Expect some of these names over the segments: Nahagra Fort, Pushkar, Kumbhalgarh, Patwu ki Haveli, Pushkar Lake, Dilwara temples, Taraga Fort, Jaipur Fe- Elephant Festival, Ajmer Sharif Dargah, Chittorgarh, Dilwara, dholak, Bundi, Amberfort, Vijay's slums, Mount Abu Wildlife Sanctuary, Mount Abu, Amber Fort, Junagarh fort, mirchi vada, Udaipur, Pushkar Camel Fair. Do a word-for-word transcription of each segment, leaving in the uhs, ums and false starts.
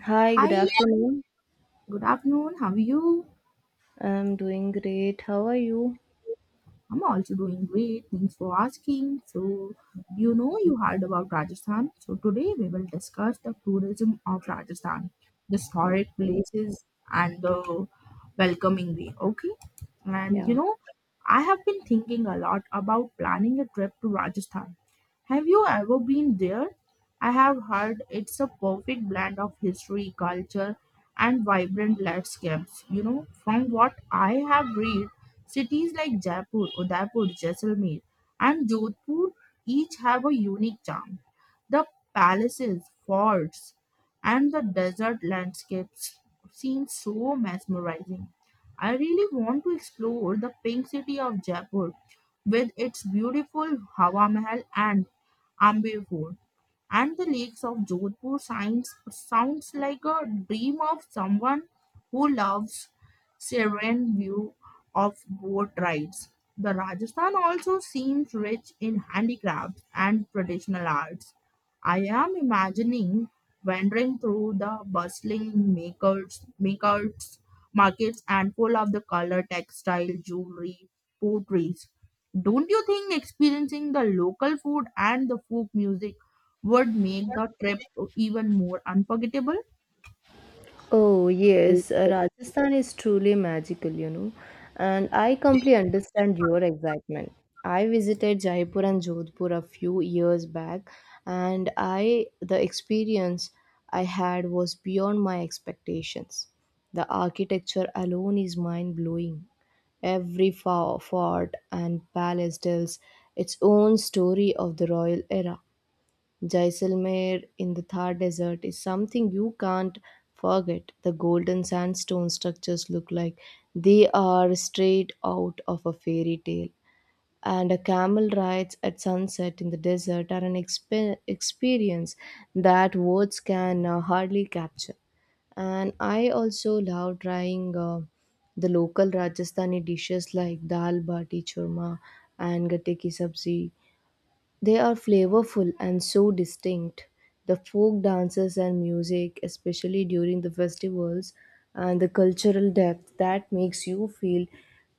Hi, good Hi, afternoon. good afternoon. How are you? I'm doing great. How are you? I'm also doing great. Thanks for asking. So, you know, you heard about Rajasthan. So, today we will discuss the tourism of Rajasthan, the historic Okay. places, and the welcoming way. Okay. And, you Yeah. know, I have been thinking a lot about planning a trip to Rajasthan. Have you ever been there? I have heard it's a perfect blend of history, culture, and vibrant landscapes. You know, from what I have read, cities like Jaipur, Udaipur, Jaisalmer, and Jodhpur each have a unique charm. The palaces, forts, and the desert landscapes seem so mesmerizing. I really want to explore the pink city of Jaipur with its beautiful Hawa Mahal and Ambir Fort, and the lakes of Jodhpur signs sounds like a dream of someone who loves serene view of boat rides. The Rajasthan also seems rich in handicrafts and traditional arts. I am imagining wandering through the bustling makers, makers markets and full of the color, textile, jewelry, potteries. Don't you think experiencing the local food and the folk music would make the trip even more unforgettable? Oh, yes. uh, Rajasthan is truly magical, you know, and I completely understand your excitement. I visited Jaipur and Jodhpur a few years back, and I the experience I had was beyond my expectations. The architecture alone is mind-blowing. Every fo- fort and palace tells its own story of the royal era. Jaisalmer in the Thar Desert is something you can't forget. The golden sandstone structures look like they are straight out of a fairy tale. And a camel rides at sunset in the desert are an expe- experience that words can uh, hardly capture. And I also love trying uh, the local Rajasthani dishes like dal bati churma and gatte ki sabzi. They are flavorful and so distinct. The folk dances and music, especially during the festivals, and the cultural depth that makes you feel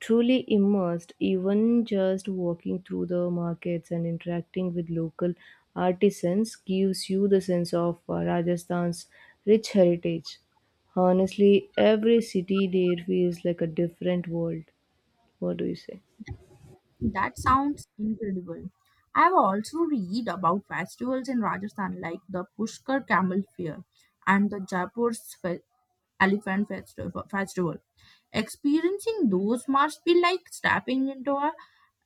truly immersed, even just walking through the markets and interacting with local artisans, gives you the sense of uh, Rajasthan's rich heritage. Honestly, every city there feels like a different world. What do you say? That sounds incredible. I've also read about festivals in Rajasthan like the Pushkar Camel Fair and the Jaipur Fe- Elephant Festival. Festival. Experiencing those must be like stepping into a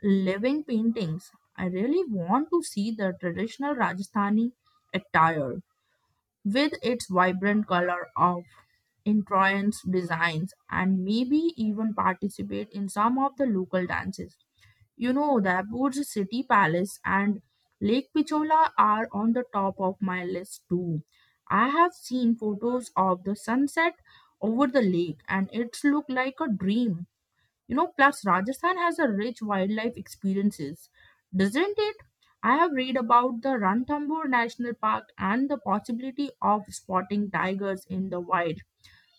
living paintings. I really want to see the traditional Rajasthani attire with its vibrant color of entrance designs and maybe even participate in some of the local dances. You know, the Aboud's City Palace and Lake Pichola are on the top of my list too. I have seen photos of the sunset over the lake and it's looked like a dream. You know, plus Rajasthan has a rich wildlife experiences, doesn't it? I have read about the Ranthambore National Park and the possibility of spotting tigers in the wild.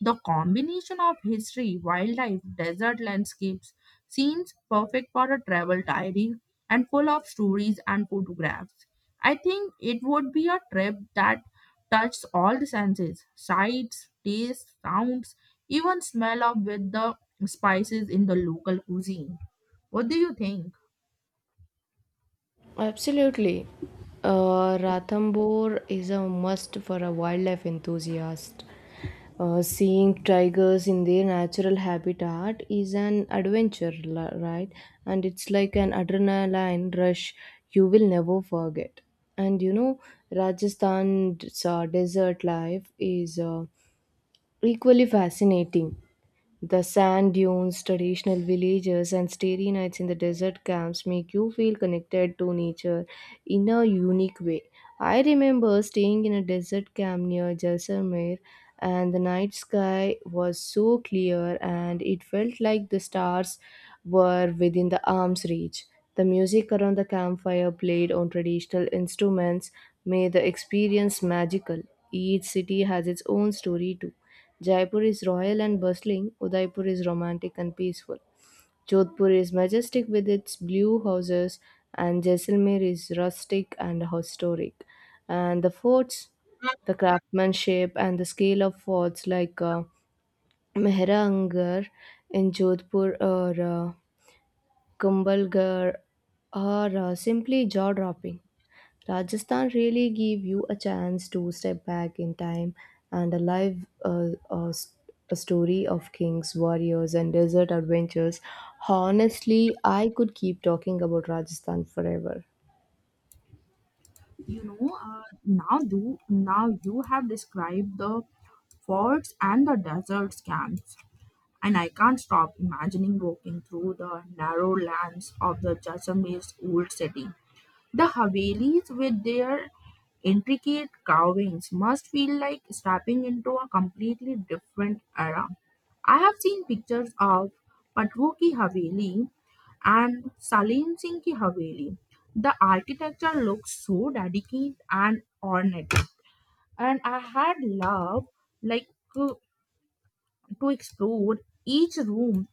The combination of history, wildlife, desert landscapes seems perfect for a travel diary and full of stories and photographs. I think it would be a trip that touches all the senses sights, tastes, sounds, even smell of with the spices in the local cuisine. What do you think? Absolutely. Uh, Ranthambore is a must for a wildlife enthusiast. Uh, seeing tigers in their natural habitat is an adventure, li- right? And it's like an adrenaline rush you will never forget. And you know, Rajasthan's uh, desert life is uh, equally fascinating. The sand dunes, traditional villages, and starry nights in the desert camps make you feel connected to nature in a unique way. I remember staying in a desert camp near Jaisalmer, and the night sky was so clear, and it felt like the stars were within the arm's reach. The music around the campfire played on traditional instruments made the experience magical. Each city has its own story too. Jaipur is royal and bustling, Udaipur is romantic and peaceful, Jodhpur is majestic with its blue houses, and Jaisalmer is rustic and historic. And the forts, the craftsmanship, and the scale of forts like uh, Mehrangarh in Jodhpur or uh, Kumbhalgarh are uh, simply jaw dropping. Rajasthan really gave you a chance to step back in time and a live uh, uh, s- a story of kings, warriors, and desert adventures. Honestly, I could keep talking about Rajasthan forever. You know, uh, now do now you have described the forts and the desert camps. And I can't stop imagining walking through the narrow lanes of the Jaisalmer's old city. The Havelis with their intricate carvings must feel like stepping into a completely different era. I have seen pictures of Patwu ki Haveli and Salim Singh ki Haveli. The architecture looks so delicate and ornate, and I had love like uh, to explore each room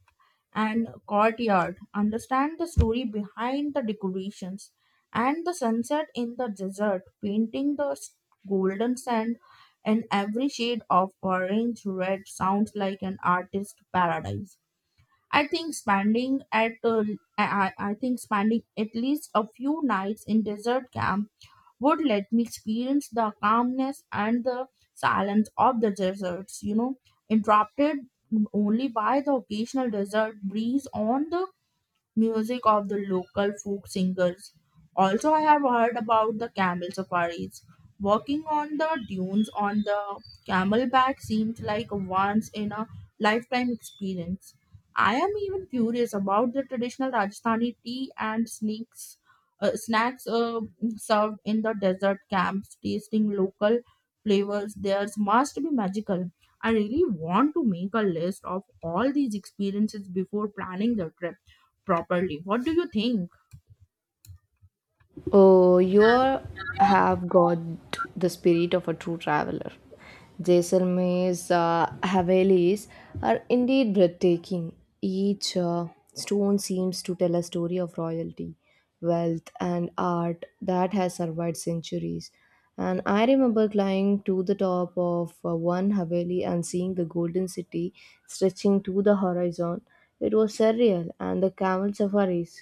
and courtyard, understand the story behind the decorations and the sunset in the desert, painting the s- golden sand in every shade of orange red sounds like an artist's paradise. I think spending at uh, I, I I think spending at least a few nights in desert camp would let me experience the calmness and the silence of the deserts, you know, interrupted only by the occasional desert breeze on the music of the local folk singers. Also, I have heard about the camel safaris. Walking on the dunes on the camelback seems like a once in a lifetime experience. I am even curious about the traditional Rajasthani tea and snacks, uh, snacks uh, served in the desert camps. Tasting local flavors there must be magical. I really want to make a list of all these experiences before planning the trip properly. What do you think? Oh, you have got the spirit of a true traveler. Jaisalmer's uh, Havelis are indeed breathtaking. Each uh, stone seems to tell a story of royalty, wealth, and art that has survived centuries. And I remember climbing to the top of uh, one Haveli and seeing the golden city stretching to the horizon. It was surreal, and the camel safaris.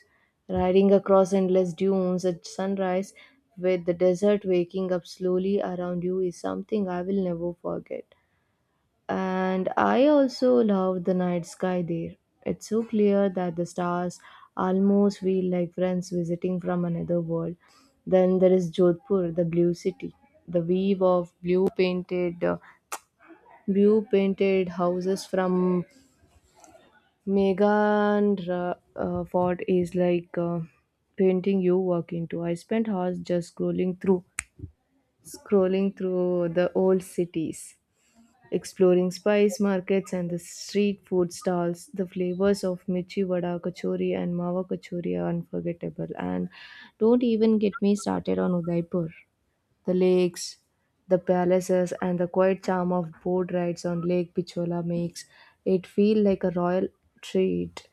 Riding across endless dunes at sunrise with the desert waking up slowly around you is something I will never forget. And I also love the night sky there. It's so clear that the stars almost feel like friends visiting from another world. Then there is Jodhpur, the blue city. The weave of blue painted uh, blue painted houses from Megan Ra- uh, Ford is like uh, painting you walk into. I spent hours just scrolling through, scrolling through the old cities, exploring spice markets and the street food stalls. The flavors of mirchi vada kachori and mawa kachori are unforgettable. And don't even get me started on Udaipur. The lakes, the palaces, and the quiet charm of boat rides on Lake Pichola makes it feel like a royal treat.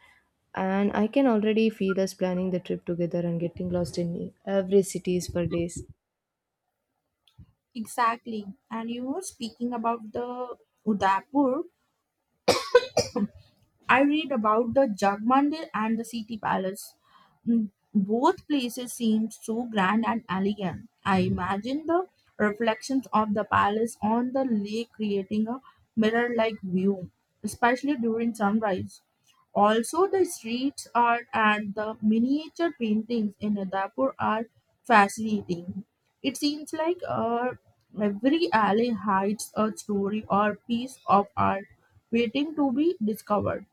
And I can already feel us planning the trip together and getting lost in every cities for days. Exactly. And you were speaking about the Udaipur. I read about the Jag Mandir and the city palace. Mm, both places seem so grand and elegant. I imagine the reflections of the palace on the lake creating a mirror like view, especially during sunrise. Also, the street art and the miniature paintings in Udaipur are fascinating. It seems like uh, every alley hides a story or piece of art waiting to be discovered.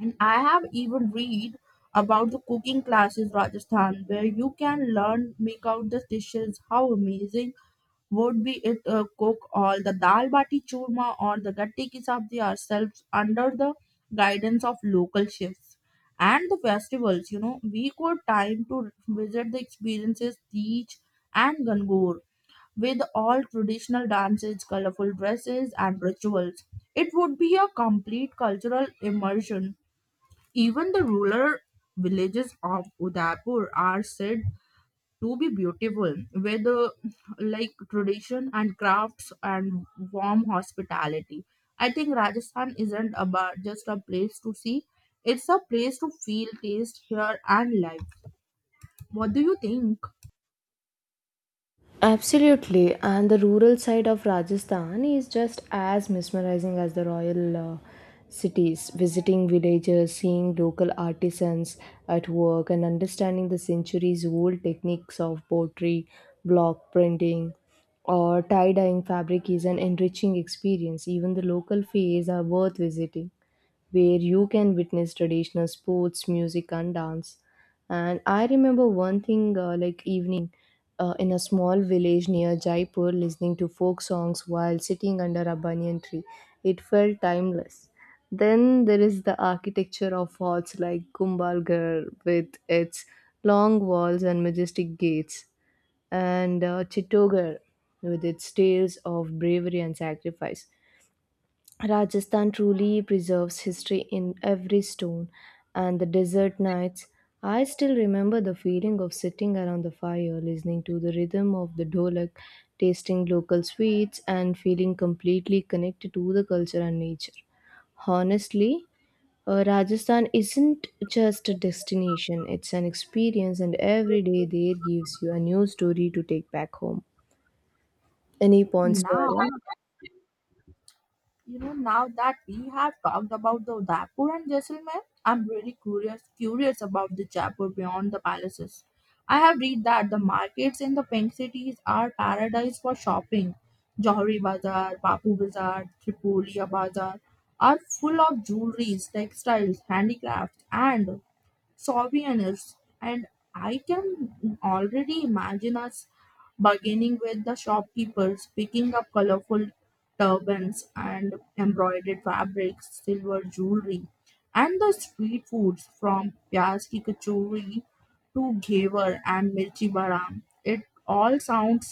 And I have even read about the cooking classes Rajasthan where you can learn make out the dishes. How amazing would be it uh, cook all the dal bati churma or the gatti ki sabzi ourselves under the guidance of local chefs. And the festivals, you know, we could time to visit the experiences, teach and Gangur with all traditional dances, colorful dresses and rituals. It would be a complete cultural immersion even the rural villages of Udaipur are said to be beautiful, with the like tradition and crafts and warm hospitality. I think Rajasthan isn't about just a place to see; it's a place to feel, taste, hear, and live. What do you think? Absolutely, and the rural side of Rajasthan is just as mesmerizing as the royal uh, cities. Visiting villages, seeing local artisans at work, and understanding the centuries old techniques of pottery, block printing, or tie dyeing fabric is an enriching experience. Even the local fairs are worth visiting where you can witness traditional sports, music, and dance. And I remember one thing uh, like evening uh, in a small village near Jaipur, listening to folk songs while sitting under a banyan tree. It felt timeless. Then there is the architecture of forts like Gumbalgarh with its long walls and majestic gates, and uh, Chittorgarh with its tales of bravery and sacrifice. Rajasthan truly preserves history in every stone, and the desert nights. I still remember the feeling of sitting around the fire, listening to the rhythm of the dholak, tasting local sweets, and feeling completely connected to the culture and nature. Honestly, uh, Rajasthan isn't just a destination, it's an experience, and every day there gives you a new story to take back home. Any points to Now add on? You know, now that we have talked about the Udaipur and Jaisalmer, I'm really curious curious about the Jaipur beyond the palaces. I have read that the markets in the pink cities are paradise for shopping. Johari Bazaar, Bapu Bazaar, Tripulia Bazaar are full of jewelries, textiles, handicrafts, and souvenirs, and I can already imagine us bargaining with the shopkeepers, picking up colorful turbans and embroidered fabrics, silver jewelry, and the street foods from pyaz ki kachori to ghevar and mirchi bara. It all sounds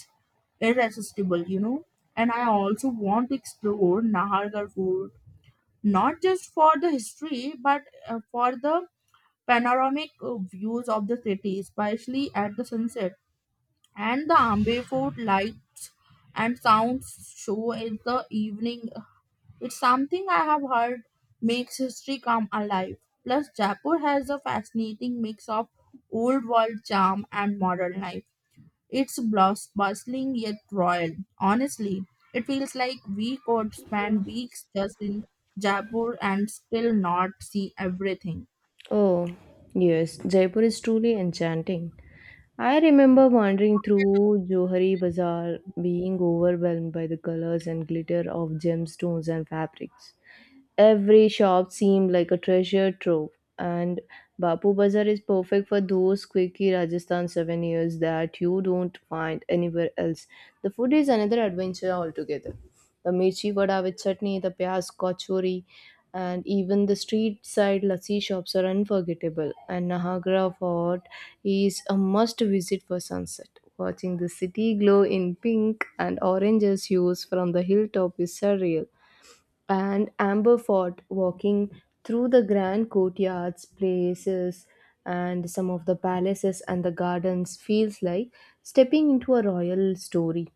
irresistible, you know, and I also want to explore nahargarh food, not just for the history but uh, for the panoramic uh, views of the city, especially at the sunset, and the Amber Fort lights and sounds show in the evening. It's something I have heard makes history come alive. Plus, Jaipur has a fascinating mix of old world charm and modern life. It's bus- bustling yet royal. Honestly, it feels like we could spend weeks just in Jaipur and still not see everything. Oh, yes, Jaipur is truly enchanting. I remember wandering through Johari Bazaar, being overwhelmed by the colors and glitter of gemstones and fabrics. Every shop seemed like a treasure trove, and Bapu Bazar is perfect for those quirky Rajasthan souvenirs that you don't find anywhere else. The food is another adventure altogether. The mirchi vada with chutney, the pyaz kachori, and even the street side lassi shops are unforgettable. And Nahagra Fort is a must visit for sunset. Watching the city glow in pink and orange as hues from the hilltop is surreal. And Amberfort, walking through the grand courtyards, places, and some of the palaces and the gardens feels like stepping into a royal story.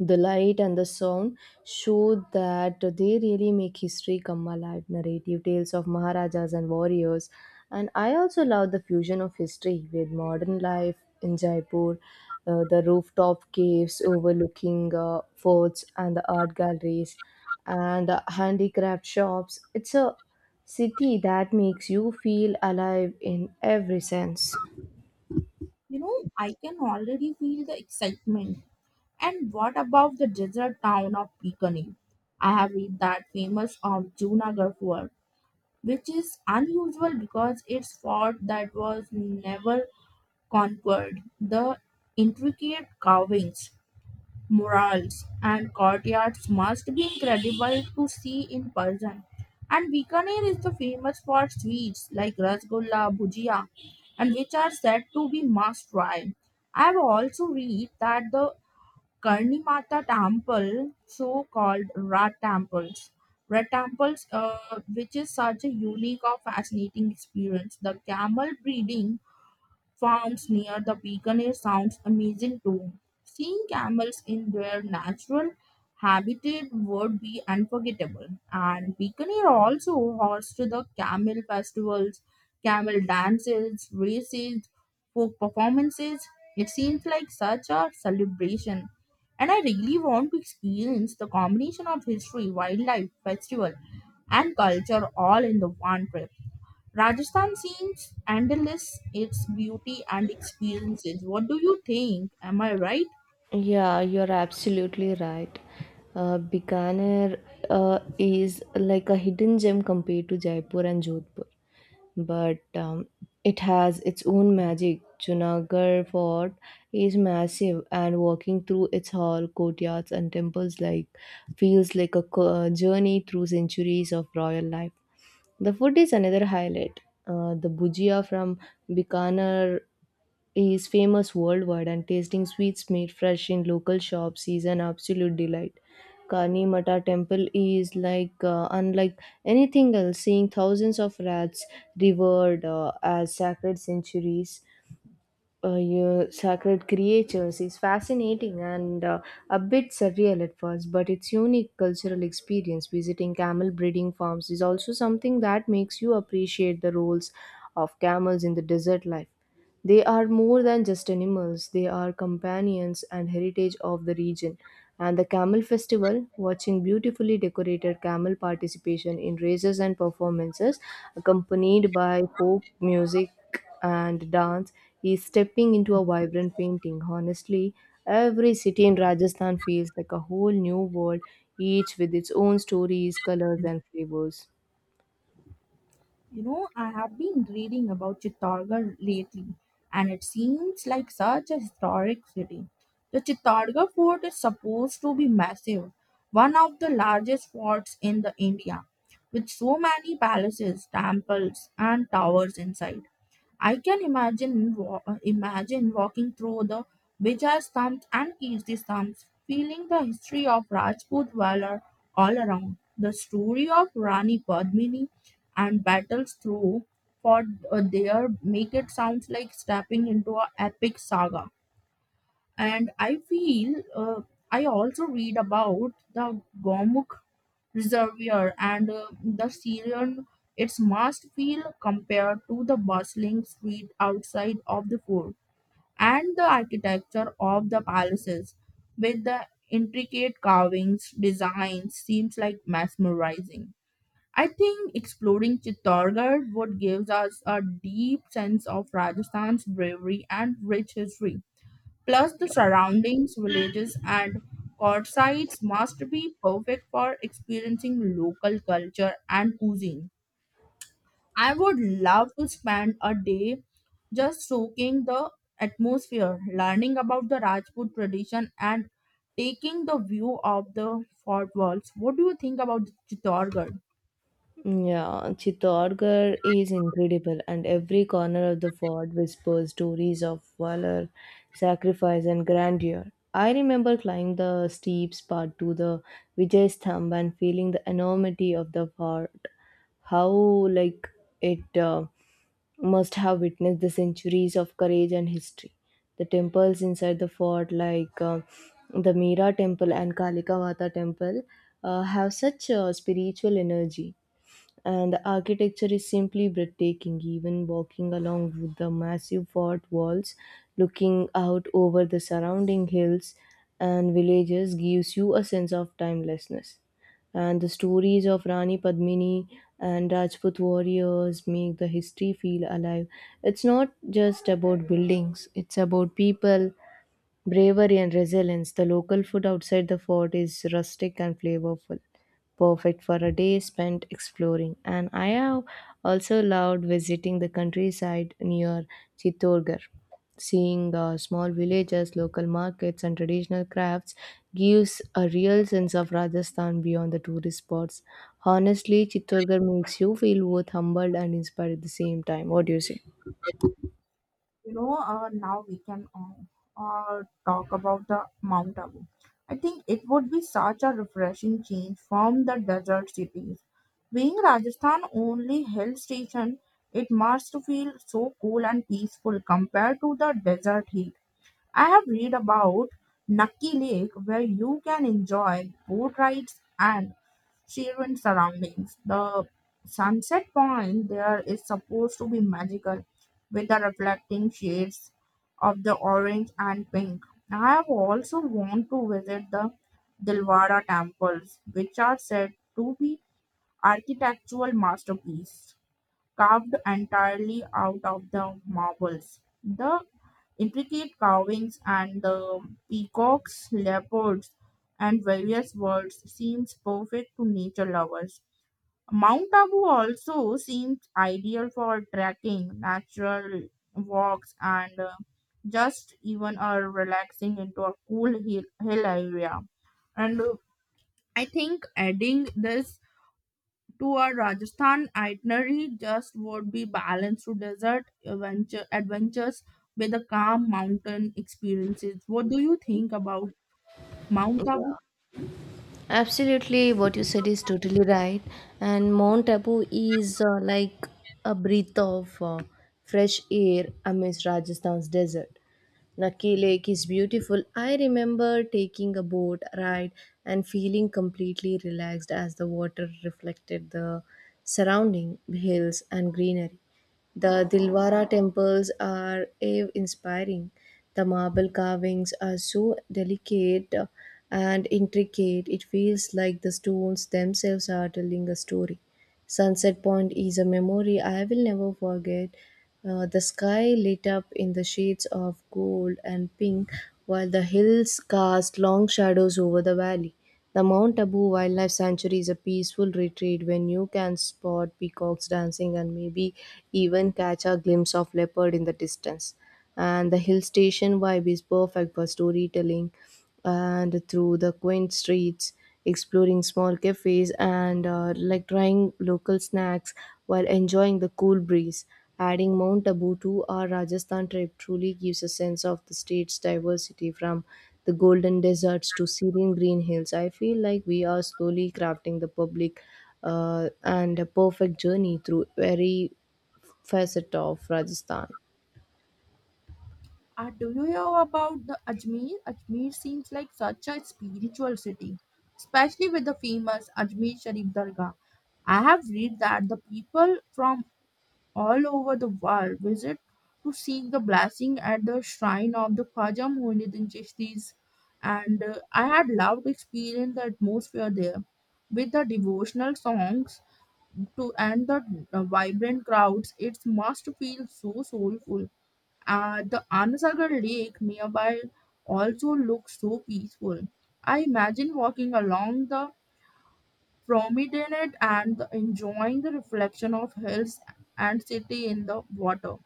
The light and the sound show that they really make history come alive, narrative tales of maharajas and warriors. And I also love the fusion of history with modern life in Jaipur, uh, the rooftop caves overlooking uh, forts and the art galleries and the handicraft shops. It's a city that makes you feel alive in every sense. You know, I can already feel the excitement. And what about the desert town of Bikini? I have read that famous of Junagarh fort, which is unusual because it's fort that was never conquered. The intricate carvings, murals and courtyards must be incredible to see in person. And Bikaner is the famous for sweets like rasgulla, bhujia, and which are said to be must try. I have also read that the Karni Mata temple, so called Rat temples, Rat temples, uh, which is such a unique or fascinating experience. The camel breeding farms near the Bikaner sounds amazing too. Seeing camels in their natural habitat would be unforgettable. And Bikaner also hosts the camel festivals, camel dances, races, folk performances. It seems like such a celebration. And I really want to experience the combination of history, wildlife, festival, and culture all in the one trip. Rajasthan seems endless, its beauty and experiences. What do you think? Am I right? Yeah, you're absolutely right. Uh, Bikaner uh, is like a hidden gem compared to Jaipur and Jodhpur, but um, it has its own magic. Junagarh Fort is massive, and walking through its hall, courtyards, and temples like feels like a co- uh, journey through centuries of royal life. The food is another highlight. Uh, the bhujia from Bikaner is famous worldwide, and tasting sweets made fresh in local shops is an absolute delight. Kani Mata temple is like uh, unlike anything else, seeing thousands of rats revered uh, as sacred centuries. Uh, your sacred creatures is fascinating and uh, a bit surreal at first, but it's unique cultural experience. Visiting camel breeding farms is also something that makes you appreciate the roles of camels in the desert life. They are more than just animals, they are companions and heritage of the region. And the Camel Festival, watching beautifully decorated camel participation in races and performances, accompanied by folk music and dance, is stepping into a vibrant painting. Honestly, every city in Rajasthan feels like a whole new world, each with its own stories, colors, and flavors. You know, I have been reading about Chittorgarh lately, and it seems like such a historic city. The Chittorgarh fort is supposed to be massive, one of the largest forts in the India, with so many palaces, temples, and towers inside. I can imagine wa- uh, imagine walking through the Vijay's slums and Kirti slums, feeling the history of Rajput valor all around, the story of Rani Padmini and battles through for uh, there make it sounds like stepping into a epic saga, and i feel uh, i also read about the gomukh reservoir and uh, the syrian its must feel compared to the bustling street outside of the fort and the architecture of the palaces with the intricate carvings designs seems like mesmerizing. I think exploring Chittorgarh would give us a deep sense of Rajasthan's bravery and rich history. Plus, the surroundings, villages, and courtsides must be perfect for experiencing local culture and cuisine. I would love to spend a day just soaking the atmosphere, learning about the Rajput tradition, and taking the view of the fort walls. What do you think about Chittorgarh? Yeah, Chittorgarh is incredible, and every corner of the fort whispers stories of valor, sacrifice, and grandeur. I remember climbing the steep part to the Vijay Sthamba and feeling the enormity of the fort. How like it uh, must have witnessed the centuries of courage and history. The temples inside the fort, like uh, the Meera Temple and Kalikavata Temple, uh, have such uh, spiritual energy, and the architecture is simply breathtaking. Even walking along with the massive fort walls, looking out over the surrounding hills and villages gives you a sense of timelessness, and the stories of Rani Padmini and Rajput warriors make the history feel alive. It's not just about buildings, it's about people, bravery and resilience. The local food outside the fort is rustic and flavorful, perfect for a day spent exploring. And I have also loved visiting the countryside near Chittorgarh. Seeing uh, small villages, local markets, and traditional crafts gives a real sense of Rajasthan beyond the tourist spots. Honestly, Chittorgarh makes you feel both humbled and inspired at the same time. What do you say? You know uh, now we can uh, uh, Talk about the Mount Abu. I think it would be such a refreshing change from the desert cities, being Rajasthan only hill station. It must feel so cool and peaceful compared to the desert heat. I have read about Nucky Lake, where you can enjoy boat rides and serene surroundings. The sunset point there is supposed to be magical with the reflecting shades of the orange and pink. I have also want to visit the Dilwara temples, which are said to be architectural masterpiece carved entirely out of the marbles. The intricate carvings and the peacocks, leopards, and various birds seems perfect to nature lovers. Mount Abu also seems ideal for trekking, natural walks, and uh, just even a relaxing into a cool hill, hill area. And uh, I think adding this to a Rajasthan itinerary just would be balanced to desert adventure, adventures with the calm mountain experiences. What do you think about Mount Abu? Absolutely, what you said is totally right. And Mount Abu is uh, like a breath of uh, fresh air amidst Rajasthan's desert. Nucky Lake is beautiful. I remember taking a boat ride and feeling completely relaxed as the water reflected the surrounding hills and greenery. The Dilwara temples are awe inspiring. The marble carvings are so delicate and intricate, it feels like the stones themselves are telling a story. Sunset Point is a memory I will never forget. Uh, the sky lit up in the shades of gold and pink while the hills cast long shadows over the valley. The Mount Abu Wildlife Sanctuary is a peaceful retreat when you can spot peacocks dancing and maybe even catch a glimpse of leopard in the distance. And the hill station vibe is perfect for storytelling and through the quaint streets, exploring small cafes and uh, like trying local snacks while enjoying the cool breeze. Adding Mount Abu to our Rajasthan trip truly gives a sense of the state's diversity from the golden deserts to Syrian green hills. I feel like we are slowly crafting the public uh, and a perfect journey through every facet of Rajasthan. Uh, do you know about the Ajmer? Ajmer seems like such a spiritual city, especially with the famous Ajmer Sharif Dargah. I have read that the people from all over the world visit to seek the blessing at the shrine of the Khwaja Muinuddin Chishti's, and uh, I had loved experiencing the atmosphere there with the devotional songs to and the uh, vibrant crowds. It must feel so soulful. Uh, the Anasagar lake nearby also looks so peaceful. I imagine walking along the promenade and enjoying the reflection of hills and city in the water.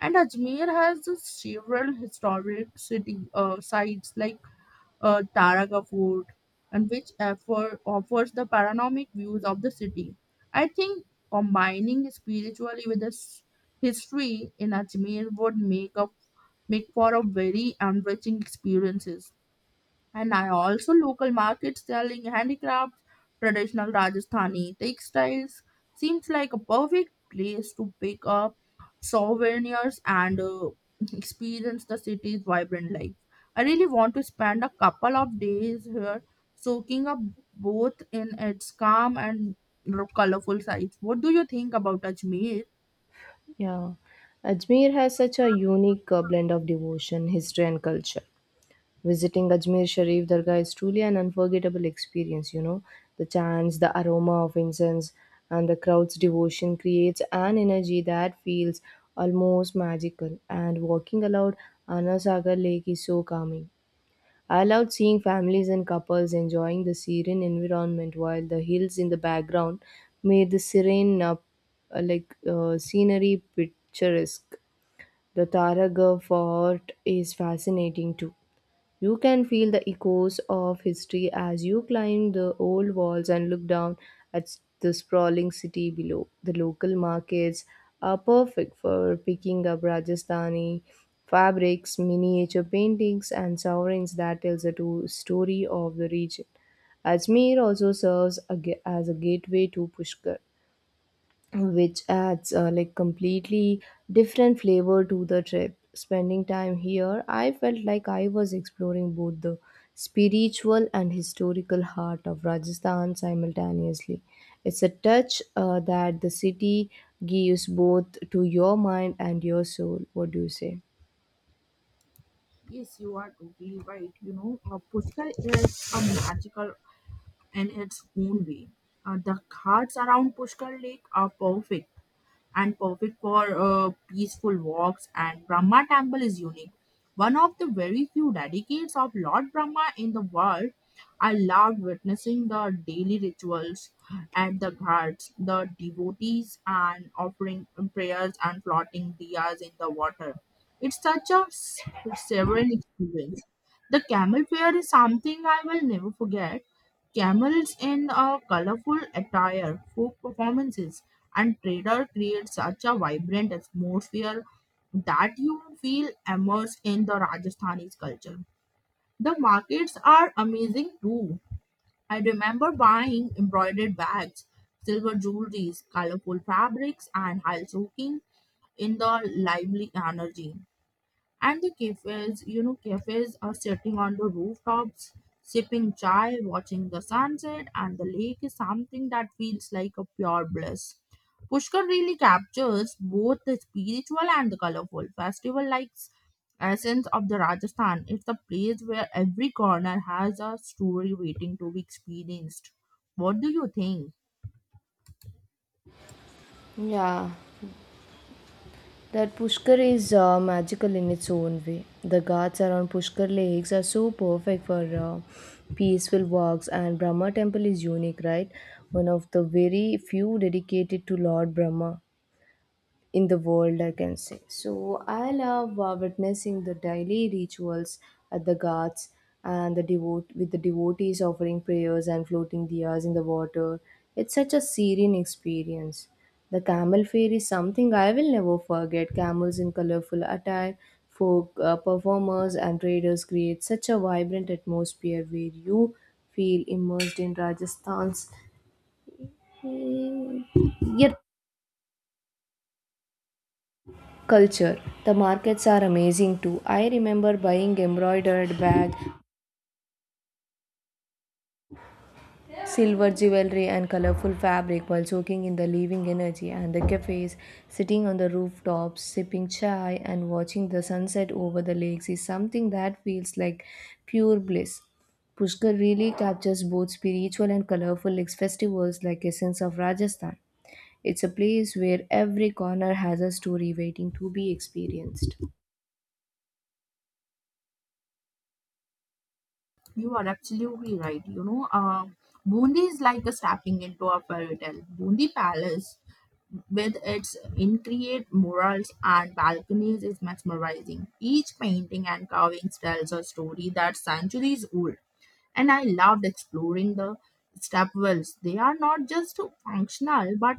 And Ajmer has uh, several historic city uh, sites like uh, Taraga Fort, and which offer, offers the panoramic views of the city. I think combining spiritually with the s- history in Ajmer would make up make for a very enriching experiences. And I also local markets selling handicrafts, traditional Rajasthani textiles. Seems like a perfect place to pick up souvenirs and uh, experience the city's vibrant life. I really want to spend a couple of days here, soaking up both in its calm and colorful sights. What do you think about Ajmer? Yeah. Ajmer has such a unique uh, blend of devotion, history, and culture. Visiting Ajmer Sharif Dargah is truly an unforgettable experience, you know. The chants, the aroma of incense, and the crowd's devotion creates an energy that feels almost magical. And walking along Anasagar Lake is so calming. I loved seeing families and couples enjoying the serene environment while the hills in the background made the serene uh, uh, like uh, scenery picturesque. The Taraga fort is fascinating too. You can feel the echoes of history as you climb the old walls and look down at the sprawling city below. The local markets are perfect for picking up Rajasthani fabrics, miniature paintings, and sovereigns that tells the to- story of the region. Ajmer also serves a ga- as a gateway to Pushkar, which adds uh, like completely different flavor to the trip. Spending time here I felt like I was exploring both the spiritual and historical heart of Rajasthan simultaneously. It's a touch uh, that the city gives both to your mind and your soul. What do you say? Yes, you are totally right. You know, uh, Pushkar is a magical in its own way. Uh, the ghats around Pushkar Lake are perfect and perfect for uh, peaceful walks, and Brahma Temple is unique. One of the very few dedicates of Lord Brahma in the world, I loved witnessing the daily rituals at the ghats, the devotees and offering prayers and floating diyas in the water. It's such a s- sovereign experience. The camel fair is something I will never forget. Camels in a colorful attire, folk performances, and trader create such a vibrant atmosphere that you feel immersed in the Rajasthani's culture. The markets are amazing too. I remember buying embroidered bags, silver jewelries, colorful fabrics, and high soaking in the lively energy. And the cafes, you know, cafes are sitting on the rooftops, sipping chai, watching the sunset, and the lake is something that feels like a pure bliss. Pushkar really captures both the spiritual and the colorful festival like essence of the Rajasthan. It's a place where every corner has a story waiting to be experienced. What do you think? Yeah, that Pushkar is uh, magical in its own way. The ghats around Pushkar lakes are so perfect for uh, peaceful walks, and Brahma temple is unique, right? One of the very few dedicated to Lord Brahma in the world, I can say. So I love uh, witnessing the daily rituals at the ghats and the devote with the devotees offering prayers and floating diyas in the water. It's such a serene experience. The camel fair is something I will never forget. Camels in colorful attire, folk uh, performers and traders create such a vibrant atmosphere where you feel immersed in Rajasthan's eh, yet culture. The markets are amazing too. I remember buying embroidered bag, silver jewelry and colorful fabric while soaking in the living energy, and the cafes, sitting on the rooftops, sipping chai and watching the sunset over the lakes is something that feels like pure bliss. Pushkar really captures both spiritual and colorful ex- festivals like Essence of Rajasthan. It's a place where every corner has a story waiting to be experienced. You are absolutely right. You know, uh, Bundi is like a stepping into a fairy tale. Bundi Palace, with its intricate murals and balconies, is mesmerizing. Each painting and carvings tells a story that's centuries old. And I loved exploring the stepwells. They are not just functional but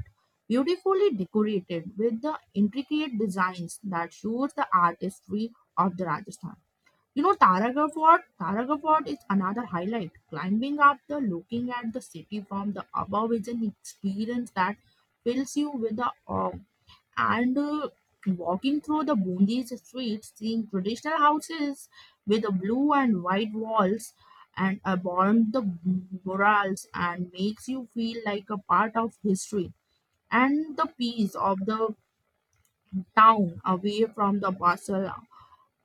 beautifully decorated with the intricate designs that shows the artistry of the Rajasthan. You know, Taragam Fort, Taragam Fort is another highlight. Climbing up the looking at the city from the above is an experience that fills you with the awe. And uh, Walking through the Bundi's streets, seeing traditional houses with the blue and white walls and adorned the murals and makes you feel like a part of history. And the peace of the town away from the bustle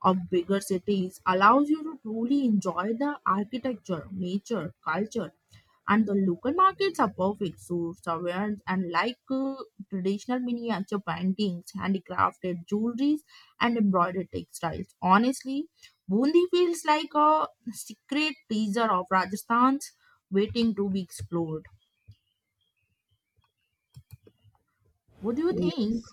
of bigger cities allows you to truly enjoy the architecture, nature, culture, and the local markets are perfect source of awareness and like uh, traditional miniature paintings, handicrafted jewelries, and embroidered textiles. Honestly, Bundi feels like a secret teaser of Rajasthan's waiting to be explored. What do you think?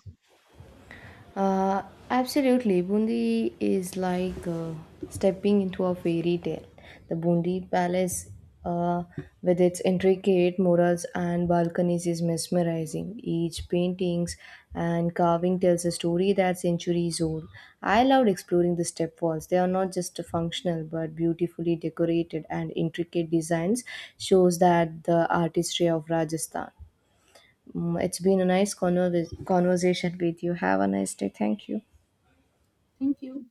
Uh, absolutely. Bundi is like uh, stepping into a fairy tale. The Bundi Palace, uh, with its intricate murals and balconies, is mesmerizing. Each paintings and carving tells a story that's centuries old. I loved exploring the step walls. They are not just functional, but beautifully decorated and intricate designs shows that the artistry of Rajasthan. Mm, it's been a nice conver- conversation with you. Have a nice day. Thank you. Thank you.